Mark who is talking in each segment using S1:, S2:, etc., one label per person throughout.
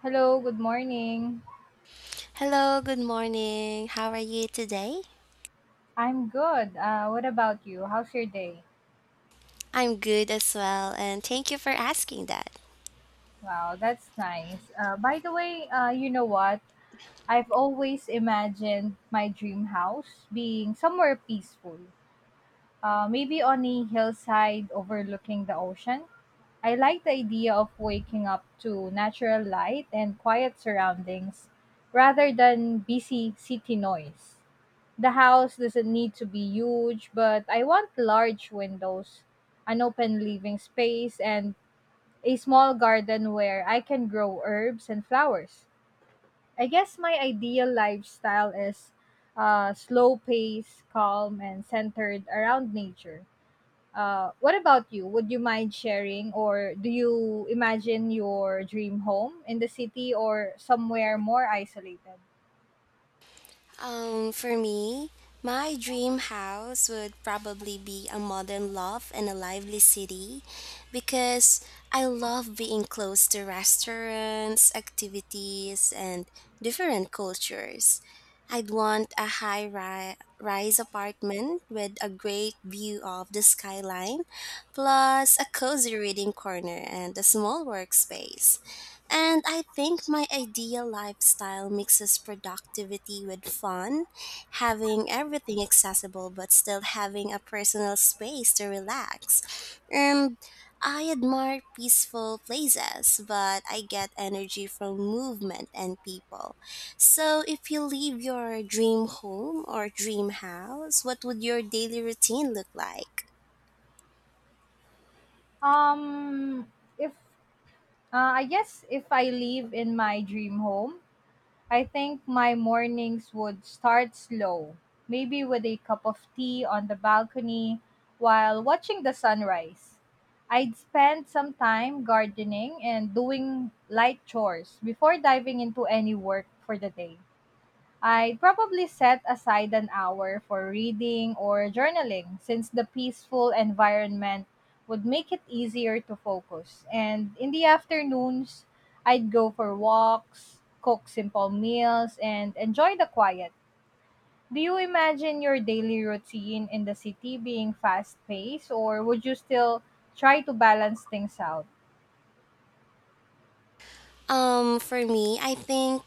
S1: Hello, good morning.
S2: Hello, good morning. How are you today?
S1: I'm good. What about you? How's your day?
S2: I'm good as well, and thank you for asking that.
S1: Wow, that's nice. By the way, you know what? I've always imagined my dream house being somewhere peaceful, maybe on a hillside overlooking the ocean. I like the idea of waking up to natural light and quiet surroundings rather than busy city noise. The house doesn't need to be huge, but I want large windows, an open living space, and a small garden where I can grow herbs and flowers. I guess my ideal lifestyle is slow pace, calm, and centered around nature. What about you? Would you mind sharing, or do you imagine your dream home in the city or somewhere more isolated?
S2: For me, my dream house would probably be a modern loft in a lively city because I love being close to restaurants, activities, and different cultures. I'd want a rise apartment with a great view of the skyline, plus a cozy reading corner and a small workspace. And I think my ideal lifestyle mixes productivity with fun, having everything accessible but still having a personal space to relax. And I admire peaceful places, but I get energy from movement and people. So, if you leave your dream home or dream house, what would your daily routine look like?
S1: Um, if I guess if I live in my dream home, I think my mornings would start slow, maybe with a cup of tea on the balcony while watching the sunrise. I'd spend some time gardening and doing light chores before diving into any work for the day. I'd probably set aside an hour for reading or journaling since the peaceful environment would make it easier to focus. And in the afternoons, I'd go for walks, cook simple meals, and enjoy the quiet. Do you imagine your daily routine in the city being fast paced, or would you still try to balance things out?
S2: For me, I think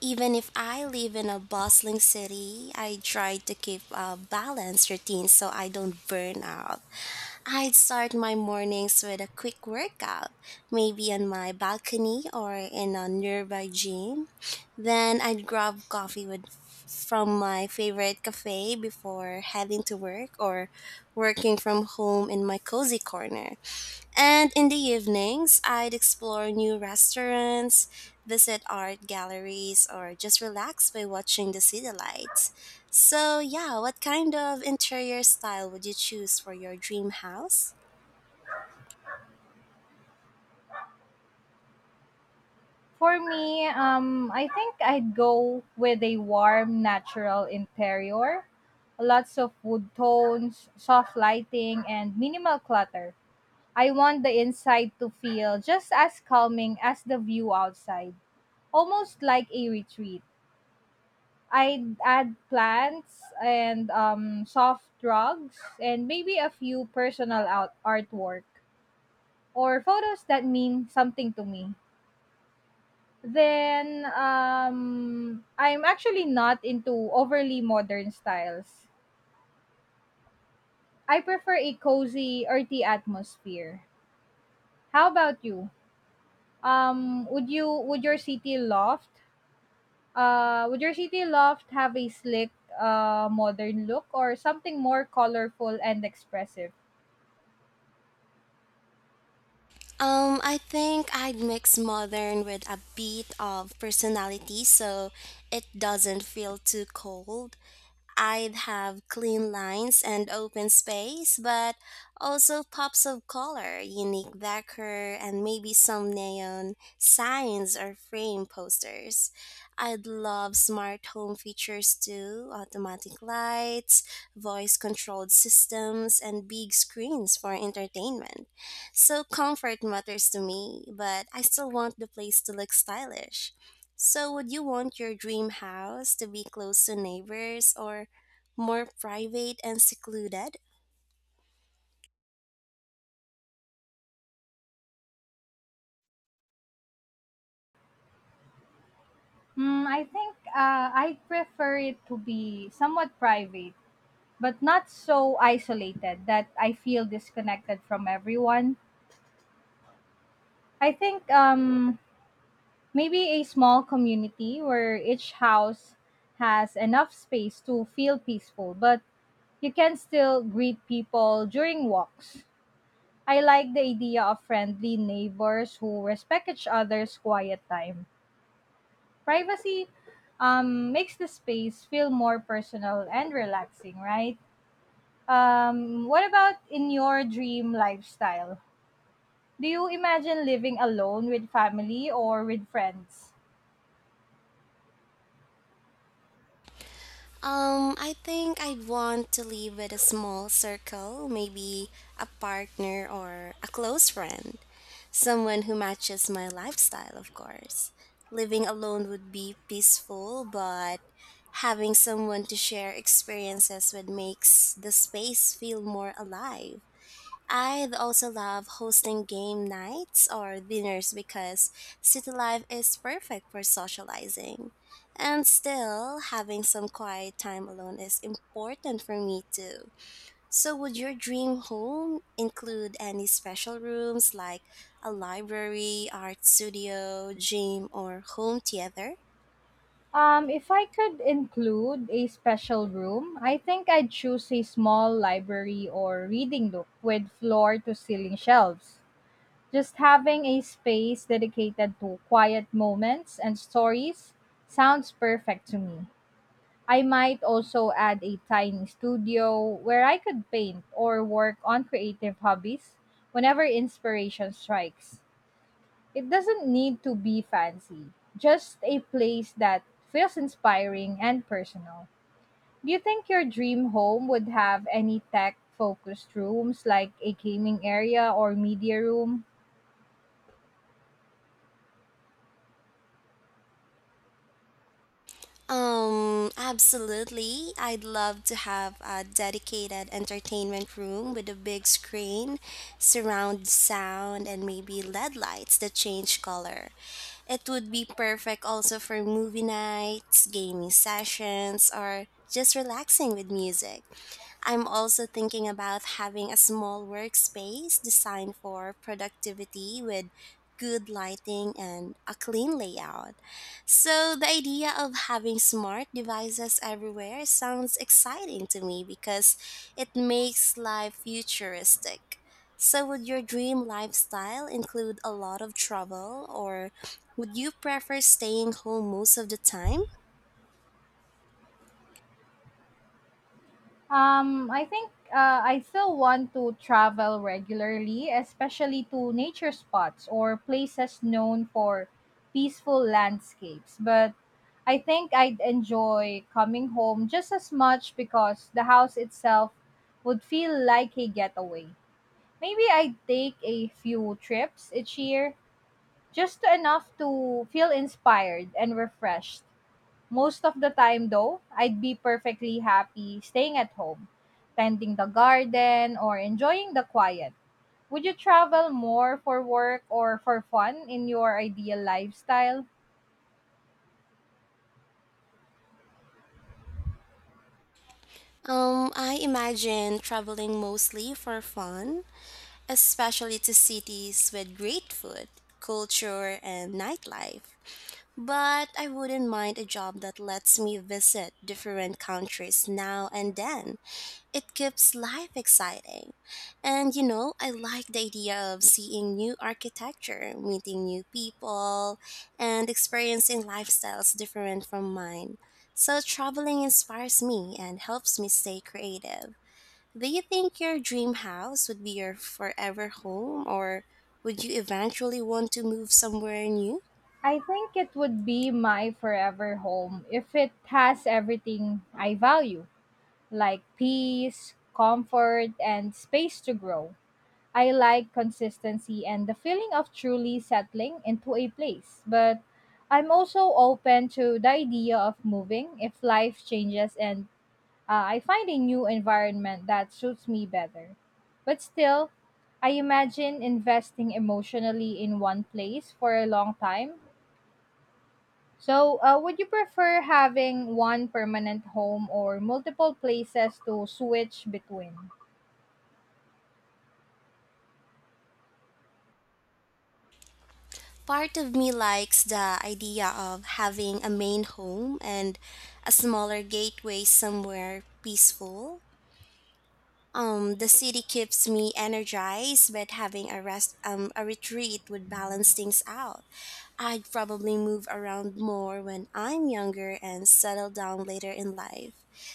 S2: even if I live in a bustling city, I try to keep a balanced routine so I don't burn out. I'd start my mornings with a quick workout, maybe on my balcony or in a nearby gym. Then I'd grab coffee with from my favorite cafe before heading to work or working from home in my cozy corner. And in the evenings, I'd explore new restaurants, visit art galleries, or just relax by watching the city lights. So, yeah, what kind of interior style would you choose for your dream house?
S1: For me, I think I'd go with a warm, natural interior, lots of wood tones, soft lighting, and minimal clutter. I want the inside to feel just as calming as the view outside, almost like a retreat. I'd add plants and soft rugs, and maybe a few artwork or photos that mean something to me. Then, I'm actually not into overly modern styles. I prefer a cozy, earthy atmosphere. How about you? Um, would you would your city loft would your city loft have a slick modern look or something more colorful and expressive?
S2: I think I'd mix modern with a bit of personality so it doesn't feel too cold. I'd have clean lines and open space, but also pops of color, unique decor, and maybe some neon signs or frame posters. I'd love smart home features too, automatic lights, voice controlled systems, and big screens for entertainment. So comfort matters to me, but I still want the place to look stylish. So, would you want your dream house to be close to neighbors or more private and secluded?
S1: Hmm, I think I prefer it to be somewhat private, but not so isolated that I feel disconnected from everyone. I think maybe a small community where each house has enough space to feel peaceful, but you can still greet people during walks. I like the idea of friendly neighbors who respect each other's quiet time. Privacy makes the space feel more personal and relaxing, right? What about in your dream lifestyle? Do you imagine living alone with family or with friends?
S2: I think I'd want to live with a small circle, maybe a partner or a close friend, someone who matches my lifestyle, of course. Living alone would be peaceful, but having someone to share experiences with makes the space feel more alive. I also love hosting game nights or dinners because city life is perfect for socializing. And still, having some quiet time alone is important for me too. So, would your dream home include any special rooms like a library, art studio, gym, or home theater?
S1: If I could include a special room, I think I'd choose a small library or reading nook with floor to ceiling shelves. Just having a space dedicated to quiet moments and stories sounds perfect to me. I might also add a tiny studio where I could paint or work on creative hobbies whenever inspiration strikes. It doesn't need to be fancy, just a place that feels inspiring and personal. Do you think your dream home would have any tech focused rooms like a gaming area or media room?
S2: Absolutely. I'd love to have a dedicated entertainment room with a big screen, surround sound, and maybe LED lights that change color. It would be perfect also for movie nights, gaming sessions, or just relaxing with music. I'm also thinking about having a small workspace designed for productivity with good lighting and a clean layout. So, the idea of having smart devices everywhere sounds exciting to me because it makes life futuristic. So, would your dream lifestyle include a lot of travel, or would you prefer staying home most of the time?
S1: I think I still want to travel regularly, especially to nature spots or places known for peaceful landscapes. But I think I'd enjoy coming home just as much because the house itself would feel like a getaway. Maybe I'd take a few trips each year, just enough to feel inspired and refreshed most of the time, though, I'd be perfectly happy staying at home, tending the garden, or enjoying the quiet. Would you travel more for work or for fun in your ideal lifestyle?
S2: I imagine traveling mostly for fun, especially to cities with great food, culture, and nightlife. But I wouldn't mind a job that lets me visit different countries now and then. It keeps life exciting. And you know, I like the idea of seeing new architecture, meeting new people, and experiencing lifestyles different from mine. So traveling inspires me and helps me stay creative. Do you think your dream house would be your forever home or would you eventually want to move somewhere new?
S1: I think it would be my forever home if it has everything I value, like peace, comfort, and space to grow. I like consistency and the feeling of truly settling into a place, but I'm also open to the idea of moving if life changes and I find a new environment that suits me better. But still, I imagine investing emotionally in one place for a long time. So, would you prefer having one permanent home or multiple places to switch between?
S2: Part of me likes the idea of having a main home and a smaller gateway somewhere peaceful. The city keeps me energized, but having a retreat would balance things out. I'd probably move around more when I'm younger and settle down later in life.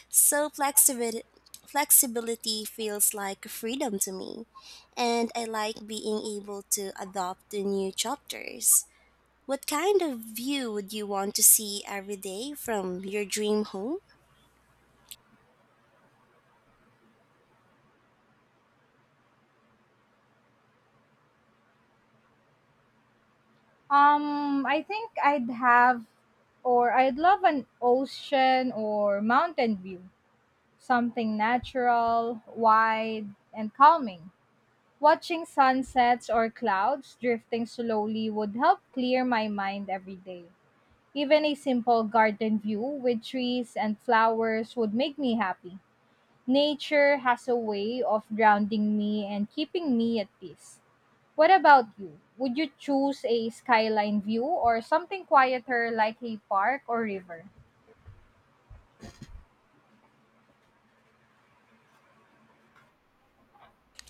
S2: So flexibility feels like freedom to me, and I like being able to adopt the new chapters. What kind of view would you want to see every day from your dream home?
S1: I think I'd have or I'd love an ocean or mountain view. Something natural, wide, and calming. Watching sunsets or clouds drifting slowly would help clear my mind every day. Even a simple garden view with trees and flowers would make me happy. Nature has a way of grounding me and keeping me at peace. What about you? Would you choose a skyline view or something quieter like a park or river?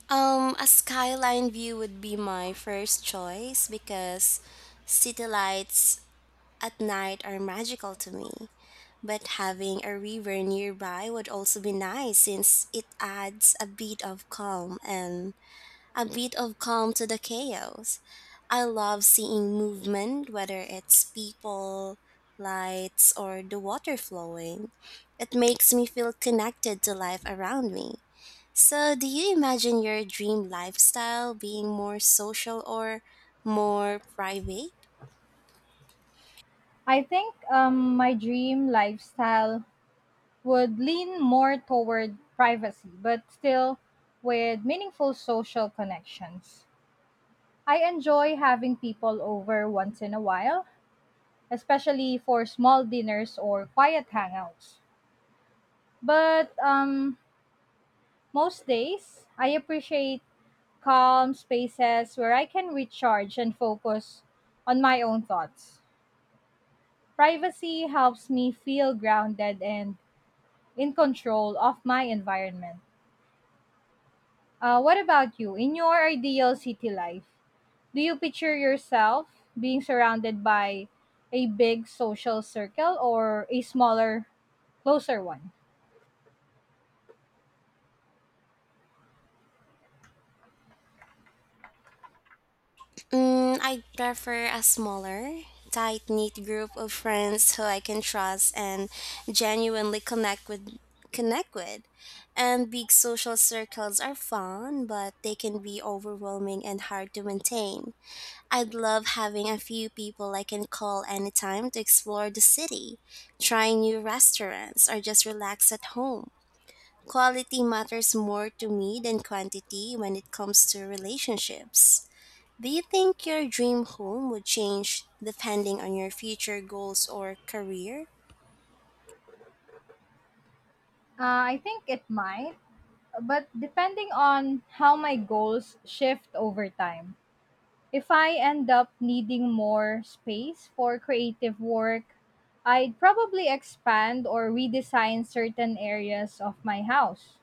S2: A skyline view would be my first choice because city lights at night are magical to me. But having a river nearby would also be nice since it adds a bit of calm to the chaos. I love seeing movement, whether it's people, lights, or the water flowing. It makes me feel connected to life around me. So, do you imagine your dream lifestyle being more social or more private?
S1: I think my dream lifestyle would lean more toward privacy, but still with meaningful social connections. I enjoy having people over once in a while, especially for small dinners or quiet hangouts. But most days, I appreciate calm spaces where I can recharge and focus on my own thoughts. Privacy helps me feel grounded and in control of my environment. What about you? In your ideal city life, do you picture yourself being surrounded by a big social circle or a smaller, closer one?
S2: I'd prefer a smaller, tight knit group of friends who I can trust and genuinely connect with. And big social circles are fun, but they can be overwhelming and hard to maintain. I'd love having a few people I can call anytime to explore the city, try new restaurants, or just relax at home. Quality matters more to me than quantity when it comes to relationships. Do you think your dream home would change depending on your future goals or career?
S1: I think it might, but depending on how my goals shift over time. If I end up needing more space for creative work, I'd probably expand or redesign certain areas of my house.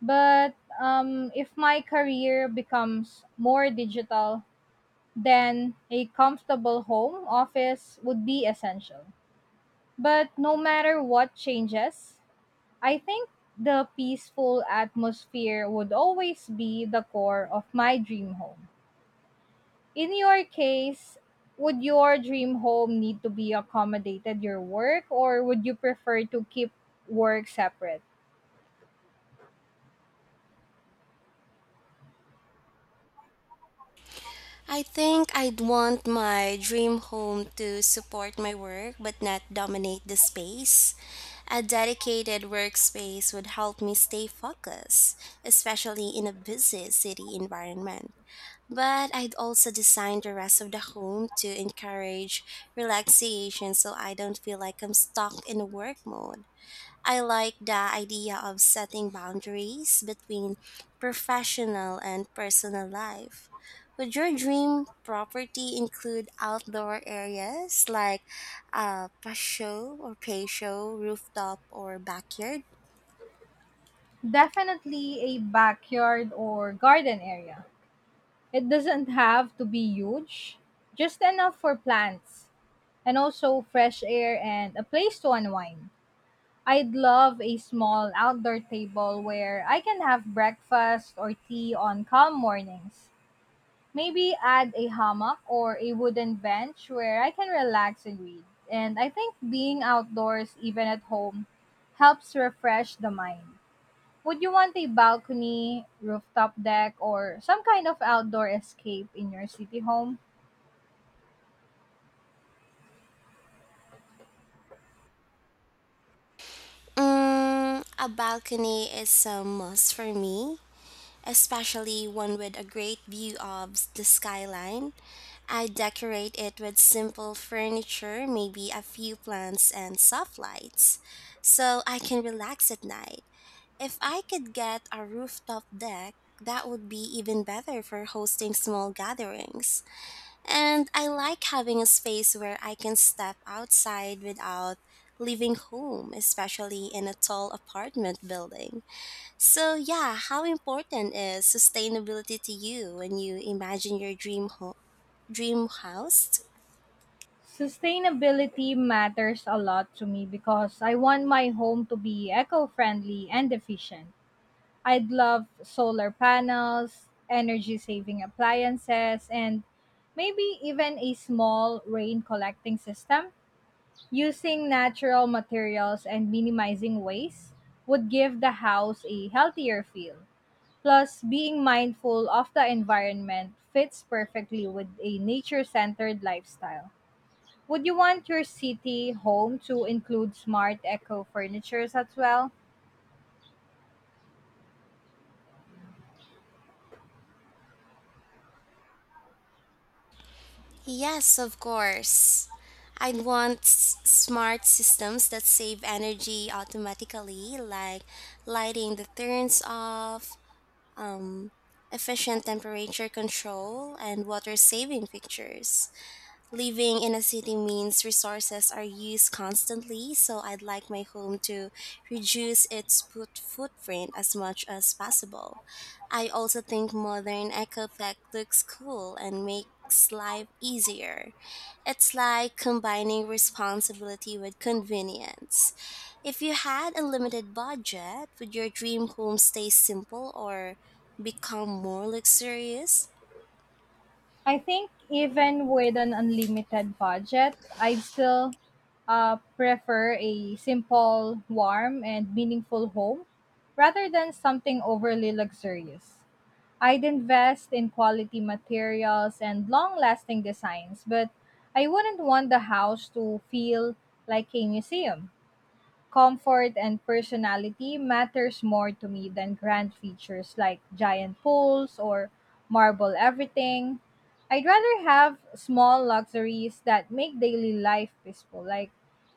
S1: But if my career becomes more digital, then a comfortable home office would be essential. But no matter what changes, I think the peaceful atmosphere would always be the core of my dream home. In your case, would your dream home need to be accommodated your work or would you prefer to keep work separate?
S2: I think I'd want my dream home to support my work but not dominate the space. A dedicated workspace would help me stay focused, especially in a busy city environment. But I'd also design the rest of the home to encourage relaxation so I don't feel like I'm stuck in a work mode. I like the idea of setting boundaries between professional and personal life. Would your dream property include outdoor areas like a patio, rooftop, or backyard?
S1: Definitely a backyard or garden area. It doesn't have to be huge, just enough for plants and also fresh air and a place to unwind. I'd love a small outdoor table where I can have breakfast or tea on calm mornings. Maybe add a hammock or a wooden bench where I can relax and read. And I think being outdoors, even at home, helps refresh the mind. Would you want a balcony, rooftop deck, or some kind of outdoor escape in your city home?
S2: A balcony is a must for me, especially one with a great view of the skyline. I decorate it with simple furniture, maybe a few plants and soft lights, so I can relax at night. If I could get a rooftop deck, that would be even better for hosting small gatherings. And I like having a space where I can step outside without leaving home, especially in a tall apartment building. So, yeah, how important is sustainability to you when you imagine your dream house?
S1: Sustainability matters a lot to me because I want my home to be eco friendly and efficient. I'd love solar panels, energy saving appliances, and maybe even a small rain collecting system. Using natural materials and minimizing waste would give the house a healthier feel. Plus, being mindful of the environment fits perfectly with a nature centered lifestyle. Would you want your city home to include smart eco furnitures as well?
S2: Yes, of course. I'd want smart systems that save energy automatically, like lighting that turns off, um, efficient temperature control, and water saving features. Living in a city means resources are used constantly, so I'd like my home to reduce its footprint as much as possible. I also think modern eco-tech looks cool and makes life easier. It's like combining responsibility with convenience. If you had a limited budget, would your dream home stay simple or become more luxurious?
S1: I think even with an unlimited budget, I'd still prefer a simple, warm, and meaningful home rather than something overly luxurious. I'd invest in quality materials and long lasting designs, but I wouldn't want the house to feel like a museum. Comfort and personality matters more to me than grand features like giant pools or marble everything. I'd rather have small luxuries that make daily life peaceful, like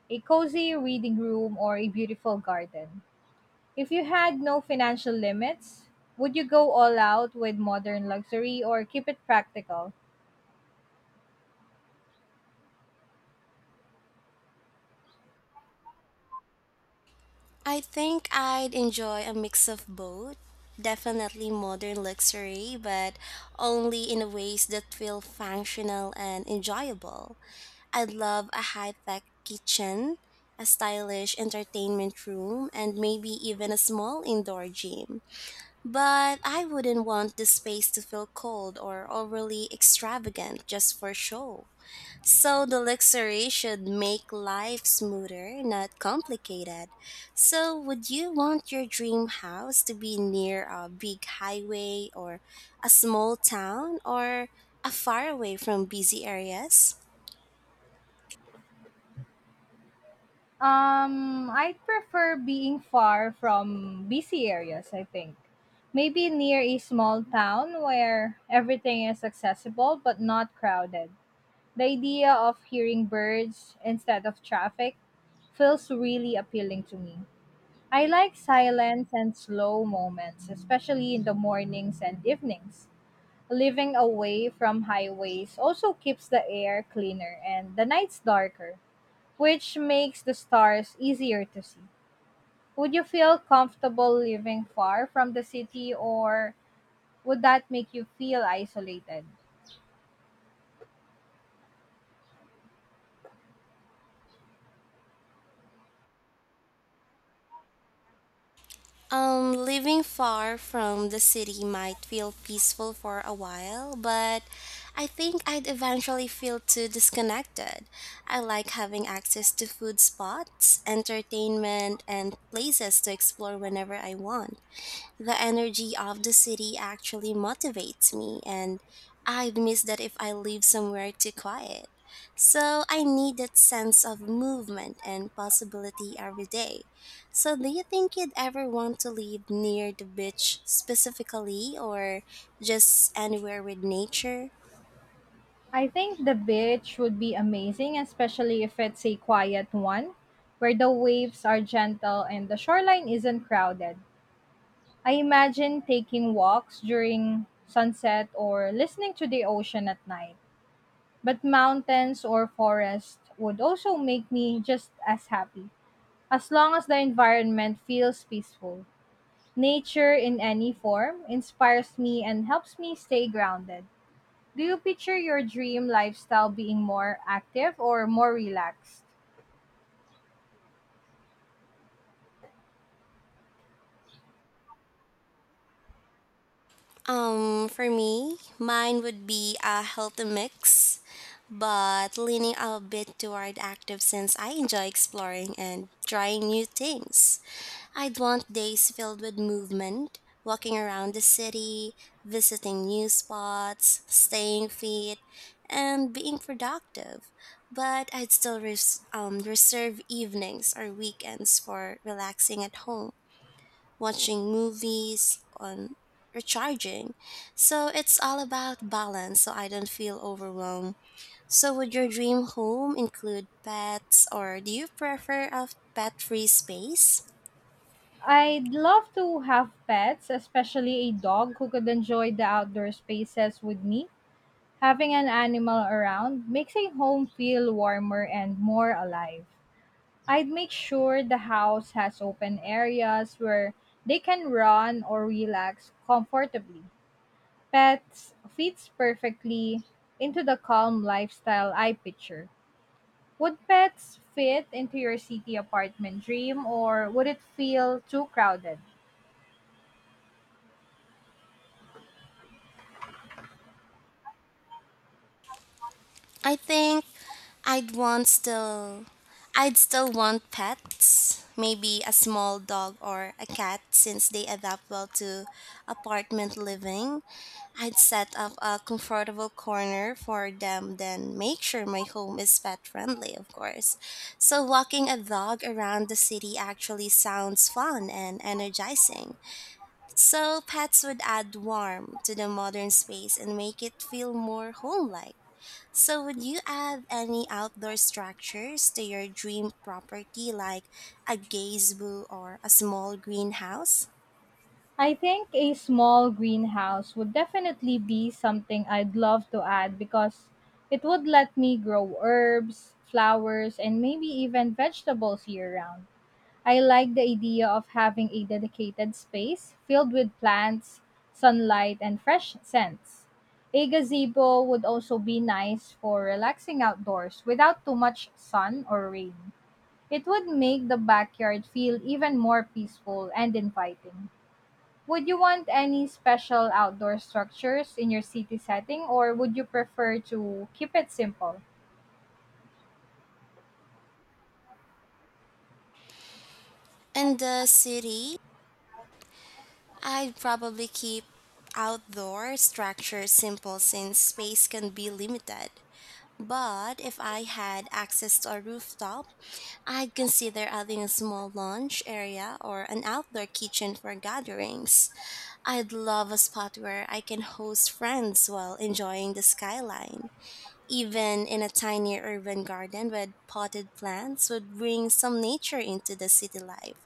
S1: a cozy reading room or a beautiful garden. If you had no financial limits, would you go all out with modern luxury or keep it practical?
S2: I think I'd enjoy a mix of both. Definitely modern luxury, but only in ways that feel functional and enjoyable. I'd love a high tech kitchen, a stylish entertainment room, and maybe even a small indoor gym. But I wouldn't want the space to feel cold or overly extravagant just for show. So the luxury should make life smoother, not complicated. So would you want your dream house to be near a big highway or a small town or a far away from busy areas?
S1: I prefer being far from busy areas, I think. Maybe near a small town where everything is accessible but not crowded. The idea of hearing birds instead of traffic feels really appealing to me. I like silence and slow moments, especially in the mornings and evenings. Living away from highways also keeps the air cleaner and the nights darker which makes the stars easier to see. Would you feel comfortable living far from the city or would that make you feel isolated?
S2: Living far from the city might feel peaceful for a while, but I think I'd eventually feel too disconnected. I like having access to food spots, entertainment, and places to explore whenever I want. The energy of the city actually motivates me, and I'd miss that if I live somewhere too quiet. So I need that sense of movement and possibility every day. So, do you think you'd ever want to live near the beach specifically, or just anywhere with nature?
S1: I think the beach would be amazing, especially if it's a quiet one where the waves are gentle and the shoreline isn't crowded. I imagine taking walks during sunset or listening to the ocean at night. But mountains or forest would also make me just as happy. As long as the environment feels peaceful, nature in any form inspires me and helps me stay grounded. Do you picture your dream lifestyle being more active or more relaxed?
S2: For me, mine would be a healthy mix, but leaning a bit toward active since I enjoy exploring and trying new things. I'd want days filled with movement, walking around the city, visiting new spots, staying fit, and being productive. But I'd still reserve evenings or weekends for relaxing at home watching movies, on recharging. So it's all about balance so I don't feel overwhelmed. So would your dream home include pets or do you prefer a pet-free space?
S1: I'd love to have pets, especially a dog who could enjoy the outdoor spaces with me. Having an animal around makes a home feel warmer and more alive. I'd make sure the house has open areas where they can run or relax comfortably. Pets fits perfectly into the calm lifestyle I picture. Would pets fit into your city apartment dream or would it feel too crowded?
S2: I think I'd want still I'd still want pets, maybe a small dog or a cat since they adapt well to apartment living. I'd set up a comfortable corner for them, then make sure my home is pet friendly, of course. So, walking a dog around the city actually sounds fun and energizing. So, pets would add warmth to the modern space and make it feel more home like. So, would you add any outdoor structures to your dream property, like a gazebo or a small greenhouse?
S1: I think a small greenhouse would definitely be something I'd love to add because it would let me grow herbs, flowers, and maybe even vegetables year round. I like the idea of having a dedicated space filled with plants, sunlight, and fresh scents. A gazebo would also be nice for relaxing outdoors without too much sun or rain. It would make the backyard feel even more peaceful and inviting. Would you want any special outdoor structures in your city setting or would you prefer to keep it simple?
S2: In the city, I'd probably keep outdoor structures simple since space can be limited. But if I had access to a rooftop, I'd consider adding a small lounge area or an outdoor kitchen for gatherings. I'd love a spot where I can host friends while enjoying the skyline. Even in a tiny urban garden with potted plants would bring some nature into the city life.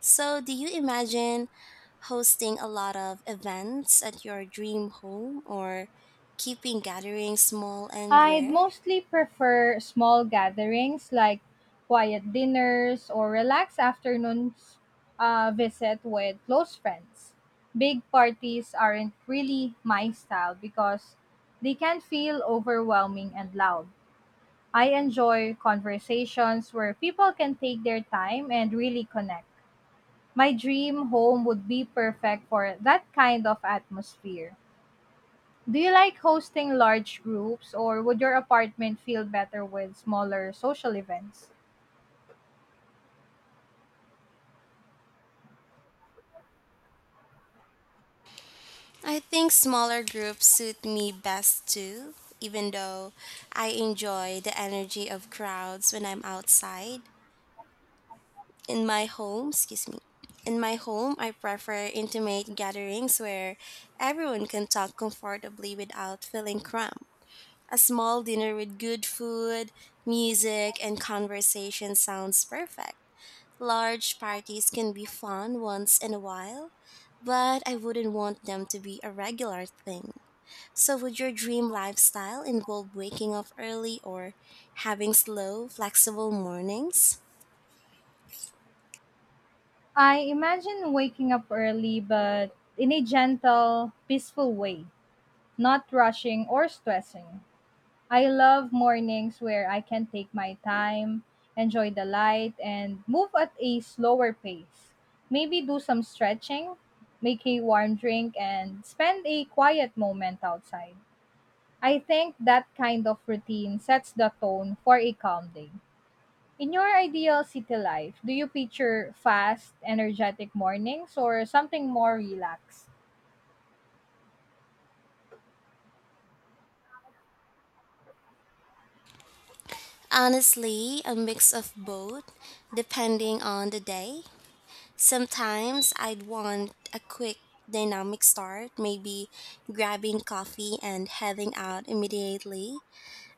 S2: So, do you imagine hosting a lot of events at your dream home or keeping gatherings small and
S1: I'd
S2: rare?
S1: mostly prefer small gatherings like quiet dinners or relaxed afternoons visit with close friends. Big parties aren't really my style because they can feel overwhelming and loud. I enjoy conversations where people can take their time and really connect. My dream home would be perfect for that kind of atmosphere. Do you like hosting large groups or would your apartment feel better with smaller social events?
S2: I think smaller groups suit me best too, even though I enjoy the energy of crowds when I'm outside. In my home, excuse me. In my home, I prefer intimate gatherings where everyone can talk comfortably without feeling cramped. A small dinner with good food, music, and conversation sounds perfect. Large parties can be fun once in a while, but I wouldn't want them to be a regular thing. So, would your dream lifestyle involve waking up early or having slow, flexible mornings?
S1: I imagine waking up early but in a gentle, peaceful way, not rushing or stressing. I love mornings where I can take my time, enjoy the light, and move at a slower pace. Maybe do some stretching, make a warm drink, and spend a quiet moment outside. I think that kind of routine sets the tone for a calm day. In your ideal city life, do you picture fast, energetic mornings or something more relaxed?
S2: Honestly, a mix of both, depending on the day. Sometimes I'd want a quick dynamic start, maybe grabbing coffee and heading out immediately.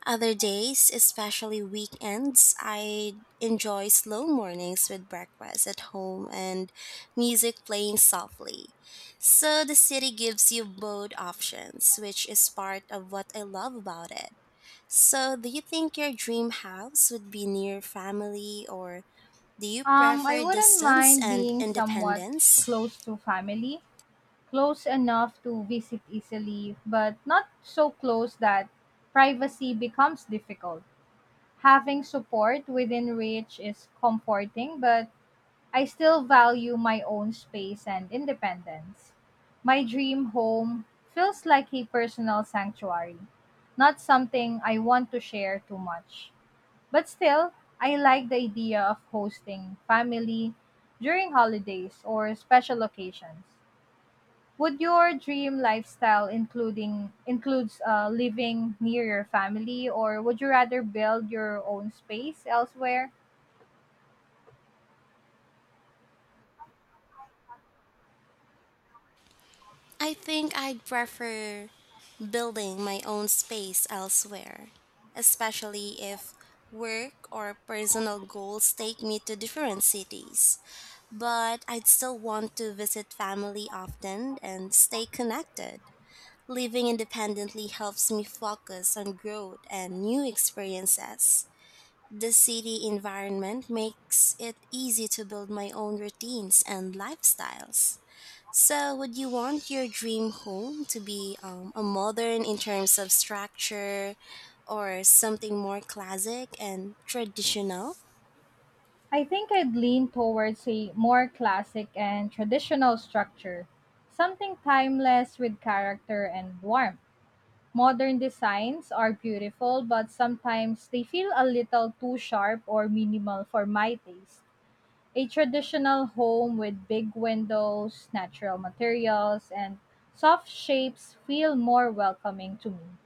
S2: Other days, especially weekends, I enjoy slow mornings with breakfast at home and music playing softly. So the city gives you both options, which is part of what I love about it. So, do you think your dream house would be near family or do you
S1: I
S2: prefer
S1: wouldn't
S2: distance
S1: mind
S2: and
S1: being somewhat
S2: independence?
S1: close to family, close enough to visit easily, but not so close that privacy becomes difficult. Having support within reach is comforting, but I still value my own space and independence. My dream home feels like a personal sanctuary, not something I want to share too much. But still, I like the idea of hosting family during holidays or special occasions. Would your dream lifestyle including includes living near your family or would you rather build your own space elsewhere?
S2: I think I'd prefer building my own space elsewhere, especially if work or personal goals take me to different cities. But I'd still want to visit family often and stay connected. Living independently helps me focus on growth and new experiences. The city environment makes it easy to build my own routines and lifestyles. So, would you want your dream home to be a modern in terms of structure or something more classic and traditional?
S1: I think I'd lean towards a more classic and traditional structure, something timeless with character and warmth. Modern designs are beautiful, but sometimes they feel a little too sharp or minimal for my taste. A traditional home with big windows, natural materials, and soft shapes feel more welcoming to me.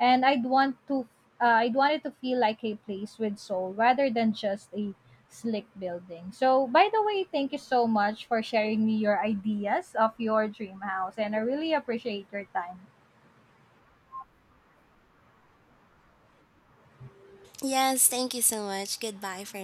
S1: And I'd want it to feel like a place with soul rather than just a slick building. So, by the way, thank you so much for sharing me your ideas of your dream house and I really appreciate your time.
S2: Yes, thank you so much. Goodbye for